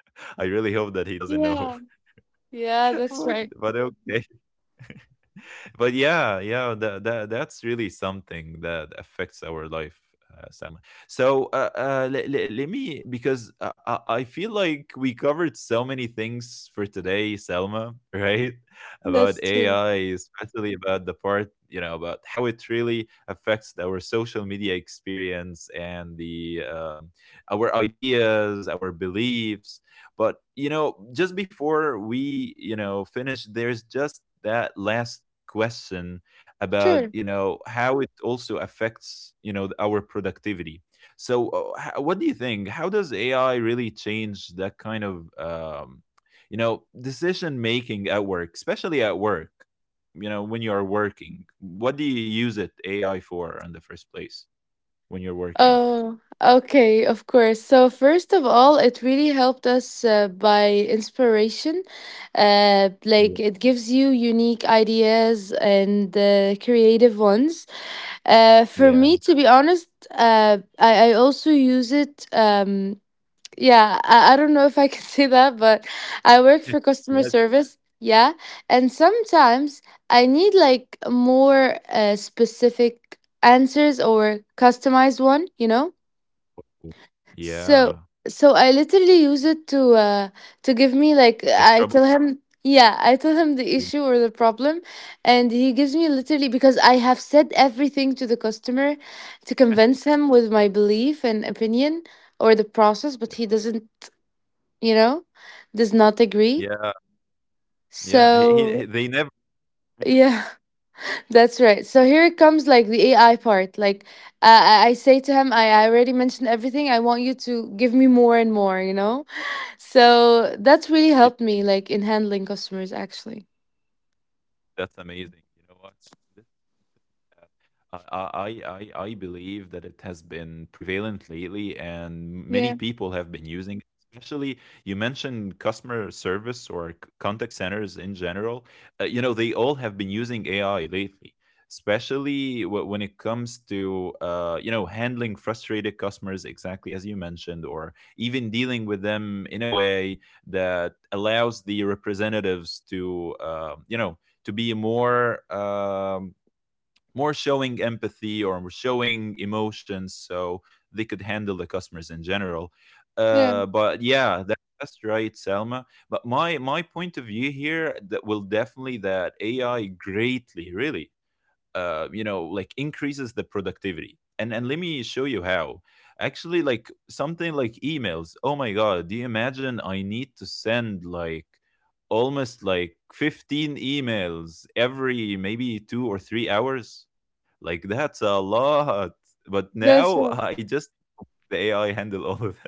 Speaker 1: I really hope that he doesn't know.
Speaker 2: Yeah. Yeah, that's
Speaker 1: but,
Speaker 2: right.
Speaker 1: but okay. But yeah, yeah, that, that that's really something that affects our life, uh, Salma. So uh, uh, let, let, let me, because I, I I feel like we covered so many things for today, Selma. Right? About
Speaker 2: That's true.
Speaker 1: A I, especially about the part you know about how it really affects our social media experience and the um, our ideas, our beliefs. But you know, just before we you know finish, there's just that last question about
Speaker 2: Sure.
Speaker 1: you know how it also affects you know our productivity. So uh, h- what do you think, how does AI really change that kind of um, you know decision making at work, especially at work, you know, when you are working, what do you use it AI for in the first place when you're working?
Speaker 2: Oh, okay, of course. So, first of all, it really helped us uh, by inspiration. Uh,
Speaker 1: Yeah.
Speaker 2: like, it gives you unique ideas and uh, creative ones. Uh, for me,
Speaker 1: Yeah.
Speaker 2: to be honest, uh, I, I also use it. Um, yeah, I, I don't know if I can say that, but I work for customer
Speaker 1: Yes.
Speaker 2: service, yeah, and sometimes I need like more uh, specific answers or customized one, you know? so
Speaker 1: Yeah,
Speaker 2: so I literally use it to uh to give me, like, I
Speaker 1: like
Speaker 2: tell
Speaker 1: trouble.
Speaker 2: him, yeah, I tell him the
Speaker 1: Yeah.
Speaker 2: issue or the problem, and he gives me literally, because I have said everything to the customer to convince him with my belief and opinion or the process, but he doesn't, you know, does not agree.
Speaker 1: Yeah. Yeah, he,
Speaker 2: So,
Speaker 1: he- they never.
Speaker 2: yeah, that's right. So here it comes, like the A I part. Like I I I say to him, I, I already mentioned everything. I want you to give me more and more, you know? So that's really helped me like in handling customers actually.
Speaker 1: That's amazing. You know what? This is something that uh, I, I, I I believe that it has been prevalent lately, and many
Speaker 2: Yeah,
Speaker 1: people have been using it. Especially, you mentioned customer service or c- contact centers in general. Uh, you know, they all have been using A I lately, especially wh- when it comes to, uh, you know, handling frustrated customers, exactly as you mentioned, or even dealing with them in a way that allows the representatives to, uh, you know, to be more um, more showing empathy or showing emotions, so they could handle the customers in general.
Speaker 2: yeah,
Speaker 1: Uh, but yeah, that, that's right, Selma, but my my point of view here that will definitely that AI greatly really, uh, you know, like increases the productivity. and and let me show you how. Actually, like something like emails, oh my god, do you imagine I need to send like almost like fifteen emails every maybe two or three hours? Like that's a lot. But
Speaker 2: that's
Speaker 1: now
Speaker 2: right.
Speaker 1: I just the AI handle all of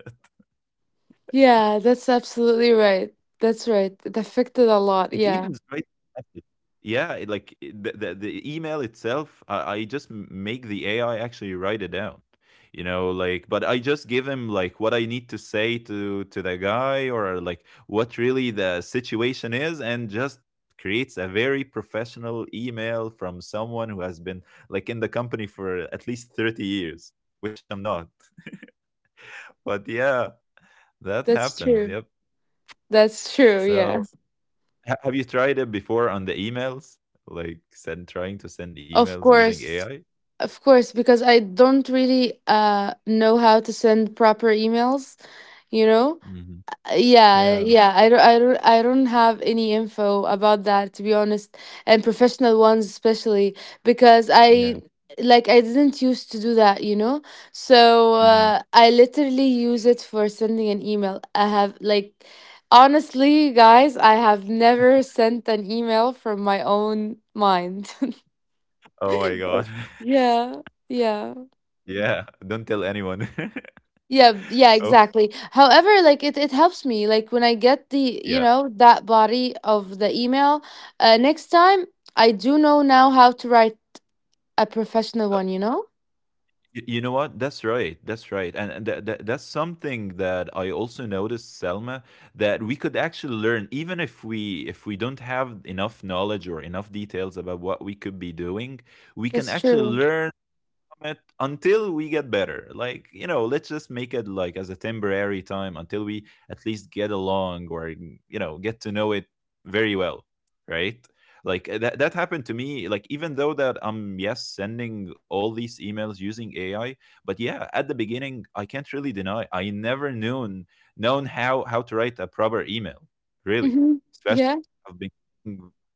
Speaker 2: Yeah, that's absolutely right. That's right. It affected a lot.
Speaker 1: it.
Speaker 2: Yeah,
Speaker 1: Evens right at it. Yeah, it like it the the the email itself, I I just m make the A I actually write it down, you know, like but I just give him, like, what I need to say to to the guy or, like, what really the situation is, and just creates a very professional email from someone who has been, like, in the company for at least thirty years, which I'm not. But yeah, that
Speaker 2: that's
Speaker 1: happens,
Speaker 2: true.
Speaker 1: yep.
Speaker 2: That's true. Yeah.
Speaker 1: So Ha- have you tried it before on the emails? Like send trying to send
Speaker 2: Of
Speaker 1: emails using
Speaker 2: course,
Speaker 1: A I?
Speaker 2: of course, because I don't really uh know how to send proper emails, you know?
Speaker 1: Hmm.
Speaker 2: Uh, Yeah,
Speaker 1: Yeah,
Speaker 2: yeah, I don't, I don't, I don't have any info about that, to be honest, and professional ones especially, because
Speaker 1: yeah.
Speaker 2: I, like I didn't used to do that, you know? So
Speaker 1: Mhm.
Speaker 2: uh, I literally use it for sending an email. I have like, honestly, guys, I have never sent an email from my own mind.
Speaker 1: Oh my
Speaker 2: Right.
Speaker 1: god.
Speaker 2: Yeah, yeah.
Speaker 1: Yeah, don't tell anyone.
Speaker 2: Yeah, yeah,
Speaker 1: Oh,
Speaker 2: exactly. However, like it, it helps me. Like when I get the, you
Speaker 1: yeah.
Speaker 2: know, that body of the email, uh, next time I do know now how to write a professional
Speaker 1: Uh,
Speaker 2: one, you know?
Speaker 1: y- you know what? That's right. That's right. And and that, that that's something that I also noticed, Selma, that we could actually learn, even if we if we don't have enough knowledge or enough details about what we could be doing, we can
Speaker 2: That's
Speaker 1: actually
Speaker 2: true.
Speaker 1: learn it until we get better. Like, you know, let's just make it like as a temporary time until we at least get along, or, you know, get to know it very well. Right. Like uh, that, that happened to me. Like, even though that I'm, yes, sending all these emails using A I, but yeah, at the beginning, I can't really deny I never known, known how, how to write a proper email, really.
Speaker 2: Hmm.
Speaker 1: Especially
Speaker 2: Yeah.
Speaker 1: I've been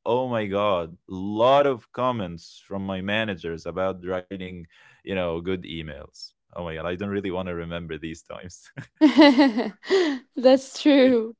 Speaker 1: oh my god lot of comments from my managers about writing you know, good emails. Oh my god, I don't really want to remember these times.
Speaker 2: That's true.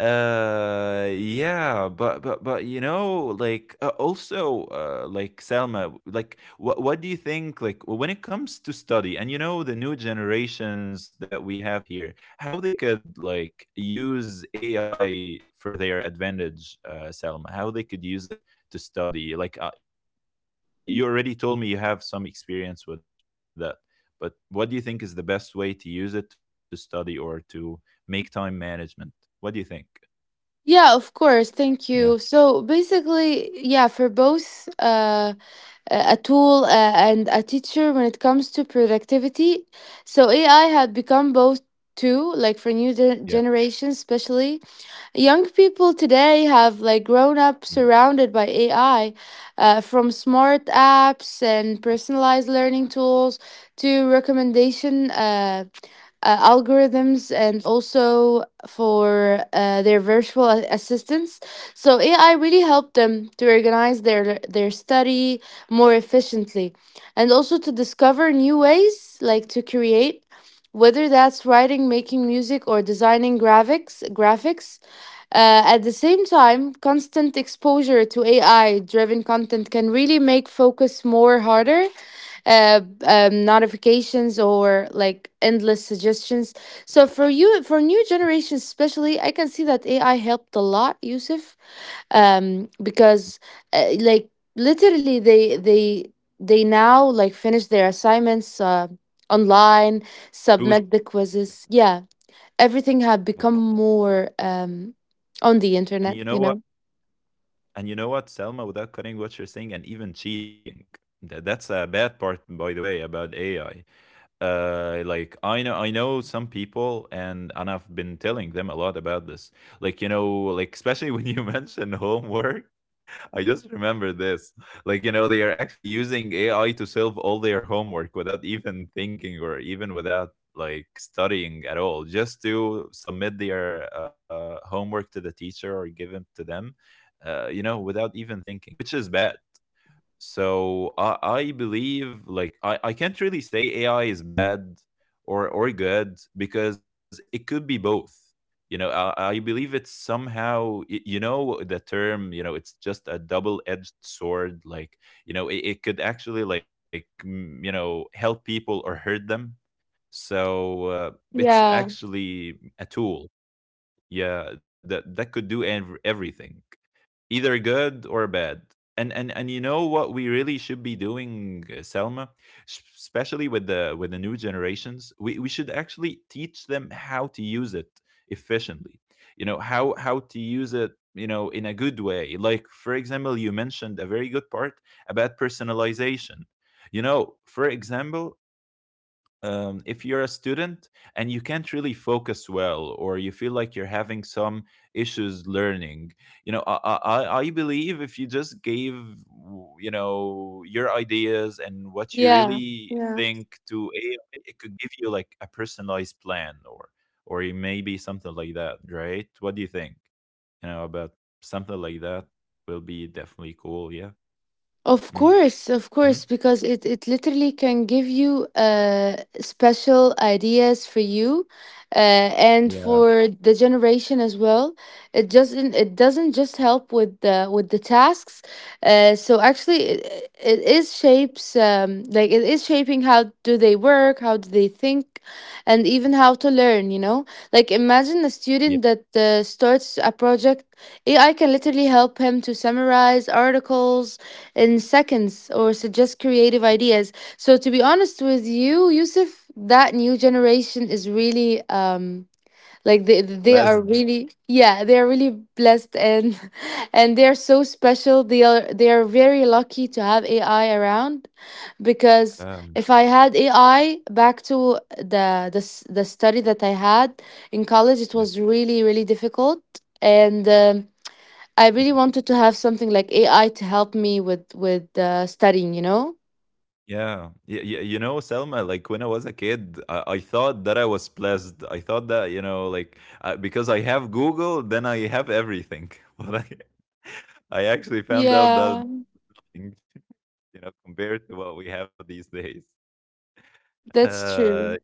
Speaker 1: Uh, yeah, but but but you know, like uh, also uh, like Selma, like what what do you think? Like when it comes to study, and you know the new generations that we have here, how they could like use A I for their advantage, uh, Selma? How they could use it to study? Like uh, y- you already told me you have some experience with that, but what do you think is the best way to use it to study or to make time management? What do you think?
Speaker 2: Yeah, of course.
Speaker 1: Yeah,
Speaker 2: Thank you. So basically, yeah, for both uh, a a tool uh, and a teacher when it comes to productivity, so A I had become both too, like for new
Speaker 1: yeah.
Speaker 2: gen- generations, especially young people today have like grown
Speaker 1: Mhm.
Speaker 2: up surrounded by A I, uh, from smart apps and personalized learning tools to recommendation. Uh, uh, algorithms and also for uh, their virtual a- assistants. So A I really helped them to organize their their study more efficiently, and also to discover new ways like to create, whether that's writing, making music or designing graphics graphics. Uh, at the same time, constant exposure to A I driven content can really make focus more harder, uh, um, notifications or like endless suggestions. So for you, for new generations especially, I can see that A I helped a lot, Yusuf, um, because uh, like literally they they they now like finish their assignments uh, online, submit the quizzes. Yeah, everything had become
Speaker 1: Like-
Speaker 2: more um, on the internet.
Speaker 1: And
Speaker 2: You
Speaker 1: you know
Speaker 2: know.
Speaker 1: what? And you know what, Selma, without cutting what you're saying and even cheating. Th- That's a bad part, by the way, about A I. Uh, like I know, I know some people, and and I've been telling them a lot about this. Like you know, like especially when you mention homework, I just remember this. Like, you know, they are actually using A I to solve all their homework without even thinking, or even without like studying at all, just to submit their uh, homework to the teacher or give it to them, uh, you know, without even thinking, which is bad. So I, I believe like I, I can't really say A I is bad or or good because it could be both. You know, I, I believe it's somehow y- you know the term, you know, it's just a double-edged sword. Like, you know, it, it could actually like mm, you know, help people or hurt them. So uh, it's
Speaker 2: Yeah,
Speaker 1: actually a tool. Yeah, that that could do ev- everything either good or bad and and and you know what we really should be doing uh, Selma. S- especially with the with the new generations, we, we should actually teach them how to use it efficiently. You know how how to use it, you know, in a good way. Like, for example, you mentioned a very good part about personalization. You know, for example, um, if you're a student and you can't really focus well, or you feel like you're having some issues learning, you know, i i, I believe if you just gave, you know, your ideas and what you
Speaker 2: yeah,
Speaker 1: really
Speaker 2: yeah.
Speaker 1: think to A I, it could give you like a personalized plan, or or it may be something like that. Right? What do you think, you know, about something like that? Will be definitely cool. Yeah.
Speaker 2: Of
Speaker 1: Mm-hmm.
Speaker 2: course, of course, because it, it literally can give you uh, special ideas for you uh, and for the
Speaker 1: Yeah.
Speaker 2: generation as well. It doesn't it doesn't just help with the with the tasks. Uh, so actually, it, it is shapes um, like it is shaping how do they work, how do they think, and even how to learn. You know, like imagine a student
Speaker 1: Yeah.
Speaker 2: that uh, starts a project. A I can literally help him to summarize articles in seconds or suggest creative ideas. So, to be honest with you, Yusuf, that new generation is really um like they they are
Speaker 1: Blessed.
Speaker 2: really yeah they are really blessed, and and they are so special, they are they are very lucky to have A I around, because
Speaker 1: um,
Speaker 2: if I had A I back to the the s- the study that I had in college, it
Speaker 1: yeah.
Speaker 2: was really really difficult. And um, I really
Speaker 1: Mm-hmm.
Speaker 2: wanted to have something like A I to help me with with uh, studying, you know?
Speaker 1: Yeah. Y- y- you know, Selma, like when I was a kid, I, I thought that I was blessed. I thought that, you know, like uh, because I have Google, then I have everything. But I, I actually found out that,
Speaker 2: Yeah,
Speaker 1: you know, compared to what we have these days.
Speaker 2: that's
Speaker 1: Uh,
Speaker 2: true.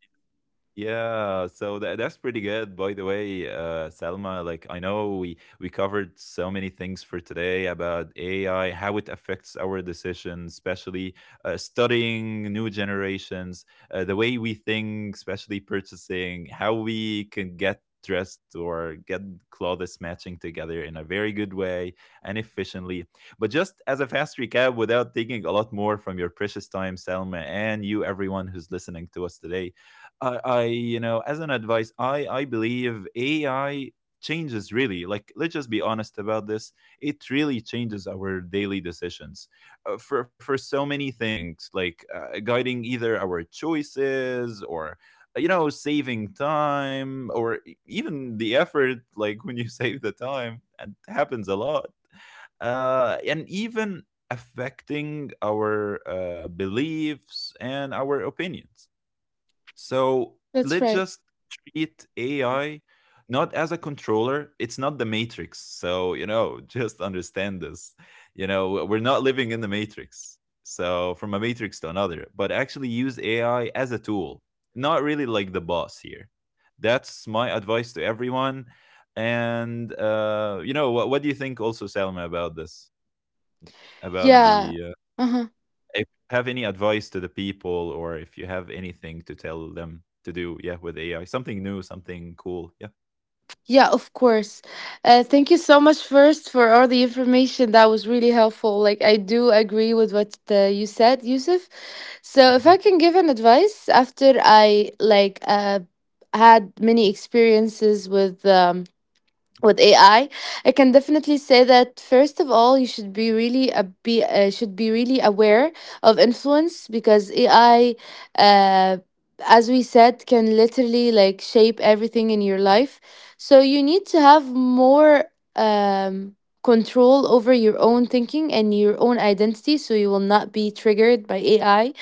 Speaker 1: yeah, so tha that's pretty good, by the way, uh, Selma. Like, I know we we covered so many things for today about A I, how it affects our decisions, especially uh, studying, new generations, uh, the way we think, especially purchasing, how we can get dressed or get clothes matching together in a very good way and efficiently. But just as a fast recap, without taking a lot more from your precious time, Selma, and you, everyone who's listening to us today. I, I you know, as an advice, i i believe AI changes really, like, let's just be honest about this. It really changes our daily decisions, uh, for for so many things, like uh, guiding either our choices or, uh, you know, saving time, or e- even the effort, like when you save the time and it happens a lot, uh, and even affecting our uh, beliefs and our opinions. So
Speaker 2: That's
Speaker 1: let's
Speaker 2: right.
Speaker 1: just treat A I not as a controller. It's not the matrix. So, you know, just understand this. You know, we're not living in the matrix. So, from a matrix to another, but actually use A I as a tool, not really like the boss here. That's my advice to everyone. And, uh, you know, what, what do you think also, Salma, about this? About
Speaker 2: Yeah.
Speaker 1: the,
Speaker 2: Uh-huh.
Speaker 1: if you have any advice to the people, or if you have anything to tell them to do, yeah, with A I, something new, something cool. Yeah.
Speaker 2: Yeah, of course. Uh, thank you so much first for all the information. That was really helpful. Like I do agree with what uh, you said, Yusuf. So if I
Speaker 1: Hmm.
Speaker 2: can give an advice after I like uh had many experiences with um with
Speaker 1: Hmm.
Speaker 2: A I, I I can definitely say that first of all, you should be really a be uh, should be really aware of influence because A I, uh, as we said, can literally like shape everything in your life. So you need to have more um, control over your own thinking and your own identity, so you will not be triggered by A I.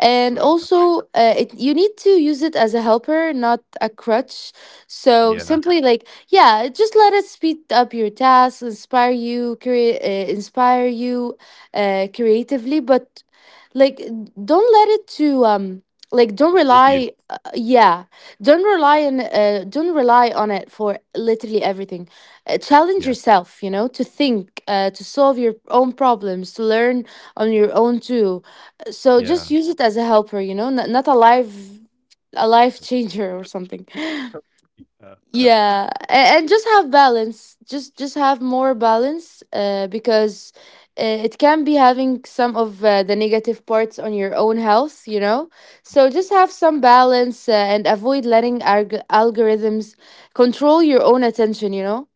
Speaker 2: And
Speaker 1: Either way, yeah.
Speaker 2: also uh, it, you need to use it as a helper, not a crutch. So
Speaker 1: Yeah.
Speaker 2: simply, like, yeah, just let it speed up your tasks, inspire you, crea- uh, inspire you uh, creatively, but like don't let it to um like don't
Speaker 1: Control
Speaker 2: rely
Speaker 1: you.
Speaker 2: uh, yeah don't rely on uh, don't rely on it for literally everything. Uh, challenge
Speaker 1: Yeah.
Speaker 2: yourself, you know, to think, uh, to solve your own problems, to learn on your own too. So just
Speaker 1: Yeah.
Speaker 2: use it as a helper, you know, n- not a life, a life changer or something.
Speaker 1: Uh, Yeah. That's
Speaker 2: Yeah, a- and just have balance. Just just have more balance uh, because uh, it can be having some of uh, the negative parts on your own health, you know? So just have some balance uh, and avoid letting alg- algorithms control your own attention, you know?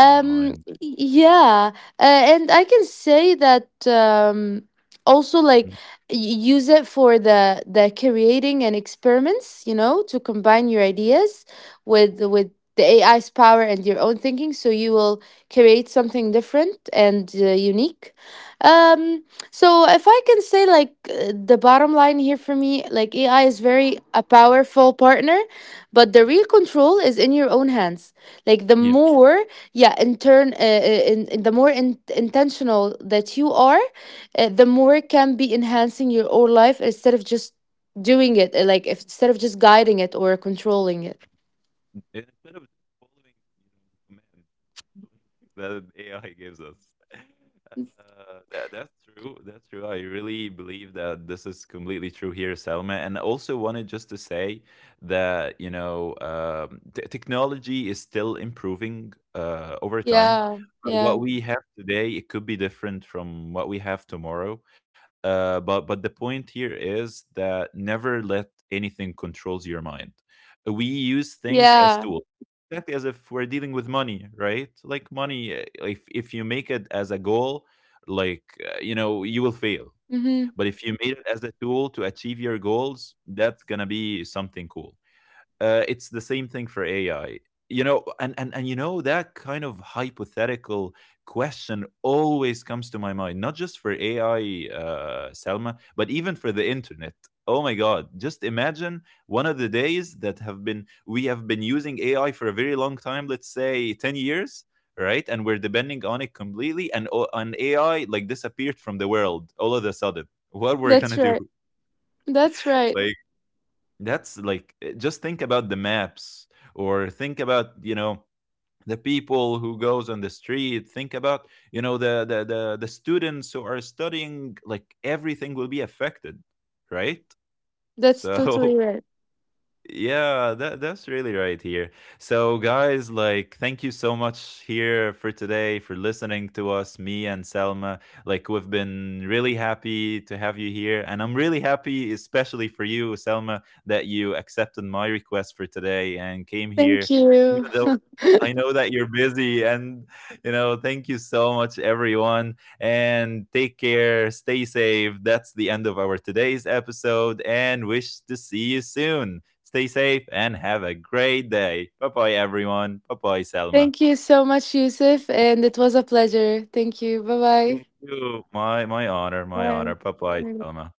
Speaker 1: our mind.
Speaker 2: yeah, uh, and I can say that um, also like
Speaker 1: Mm.
Speaker 2: y- use it for the the creating and experiments, you know, to combine your ideas with with the A I's power and your own thinking, so you will create something different and uh, unique. Um, so if I can say like uh, the bottom line here for me, like A I is very a powerful partner, but the real control is in your own hands. Like the
Speaker 1: Yeah.
Speaker 2: more, yeah, in turn uh, uh, in, in the more in, intentional that you are, uh, the more it can be enhancing your own life instead of just doing it, uh, like if, instead of just guiding it or controlling it.
Speaker 1: And instead of just following, you know, the command that A I gives us. Uh, that that's true. That's true. I really believe that this is completely true here, Selma. And I also wanted just to say that, you know, um, t- technology is still improving uh, over time.
Speaker 2: Yeah,
Speaker 1: Uh,
Speaker 2: yeah,
Speaker 1: what we have today, it could be different from what we have tomorrow. Uh, but but the point here is that never let anything controls your mind. We use things as
Speaker 2: yeah.
Speaker 1: tools, exactly as if we're dealing with money. Right? Like money, uh, if if you make it as a goal, like uh, you know, you will fail.
Speaker 2: Mm-hmm.
Speaker 1: But if you made it as a tool to achieve your goals, that's gonna be something cool. Uh, it's the same thing for A I. You know, and, and and you know, that kind of hypothetical question always comes to my mind, not just for A I, uh, Selma, but even for the internet. Oh my God! Just imagine one of the days that have been we have been using A I for a very long time, let's say ten years, right? And we're depending on it completely, and o- an A I like disappeared from the world all of a sudden. What we're
Speaker 2: That's
Speaker 1: gonna
Speaker 2: right.
Speaker 1: do?
Speaker 2: That's right.
Speaker 1: Like, that's like eh, just think about the maps, or think about, you know, the people who goes on the street, think about, you know, the the the, the students who are studying, like everything will be affected, right?
Speaker 2: That's totally
Speaker 1: So
Speaker 2: right.
Speaker 1: yeah, that that's really right here. So guys, like thank you so much here for today for listening to us, me and Selma. Like we've been really happy to have you here, and I'm really happy especially for you, Selma, that you accepted my request for today and came
Speaker 2: Thank
Speaker 1: here,
Speaker 2: you.
Speaker 1: even though I know that you're busy, and you know, thank you so much everyone, and take care, stay safe. That's the end of our today's episode, and wish to see you soon. Stay safe and have a great day. Bye bye, everyone. Bye bye, Selma.
Speaker 2: Thank you so much, Yusuf, and it was a pleasure. Thank you. Bye-bye.
Speaker 1: Thank you. My my honor, my
Speaker 2: Bye.
Speaker 1: honor. Bye bye,
Speaker 2: Bye.
Speaker 1: Selma.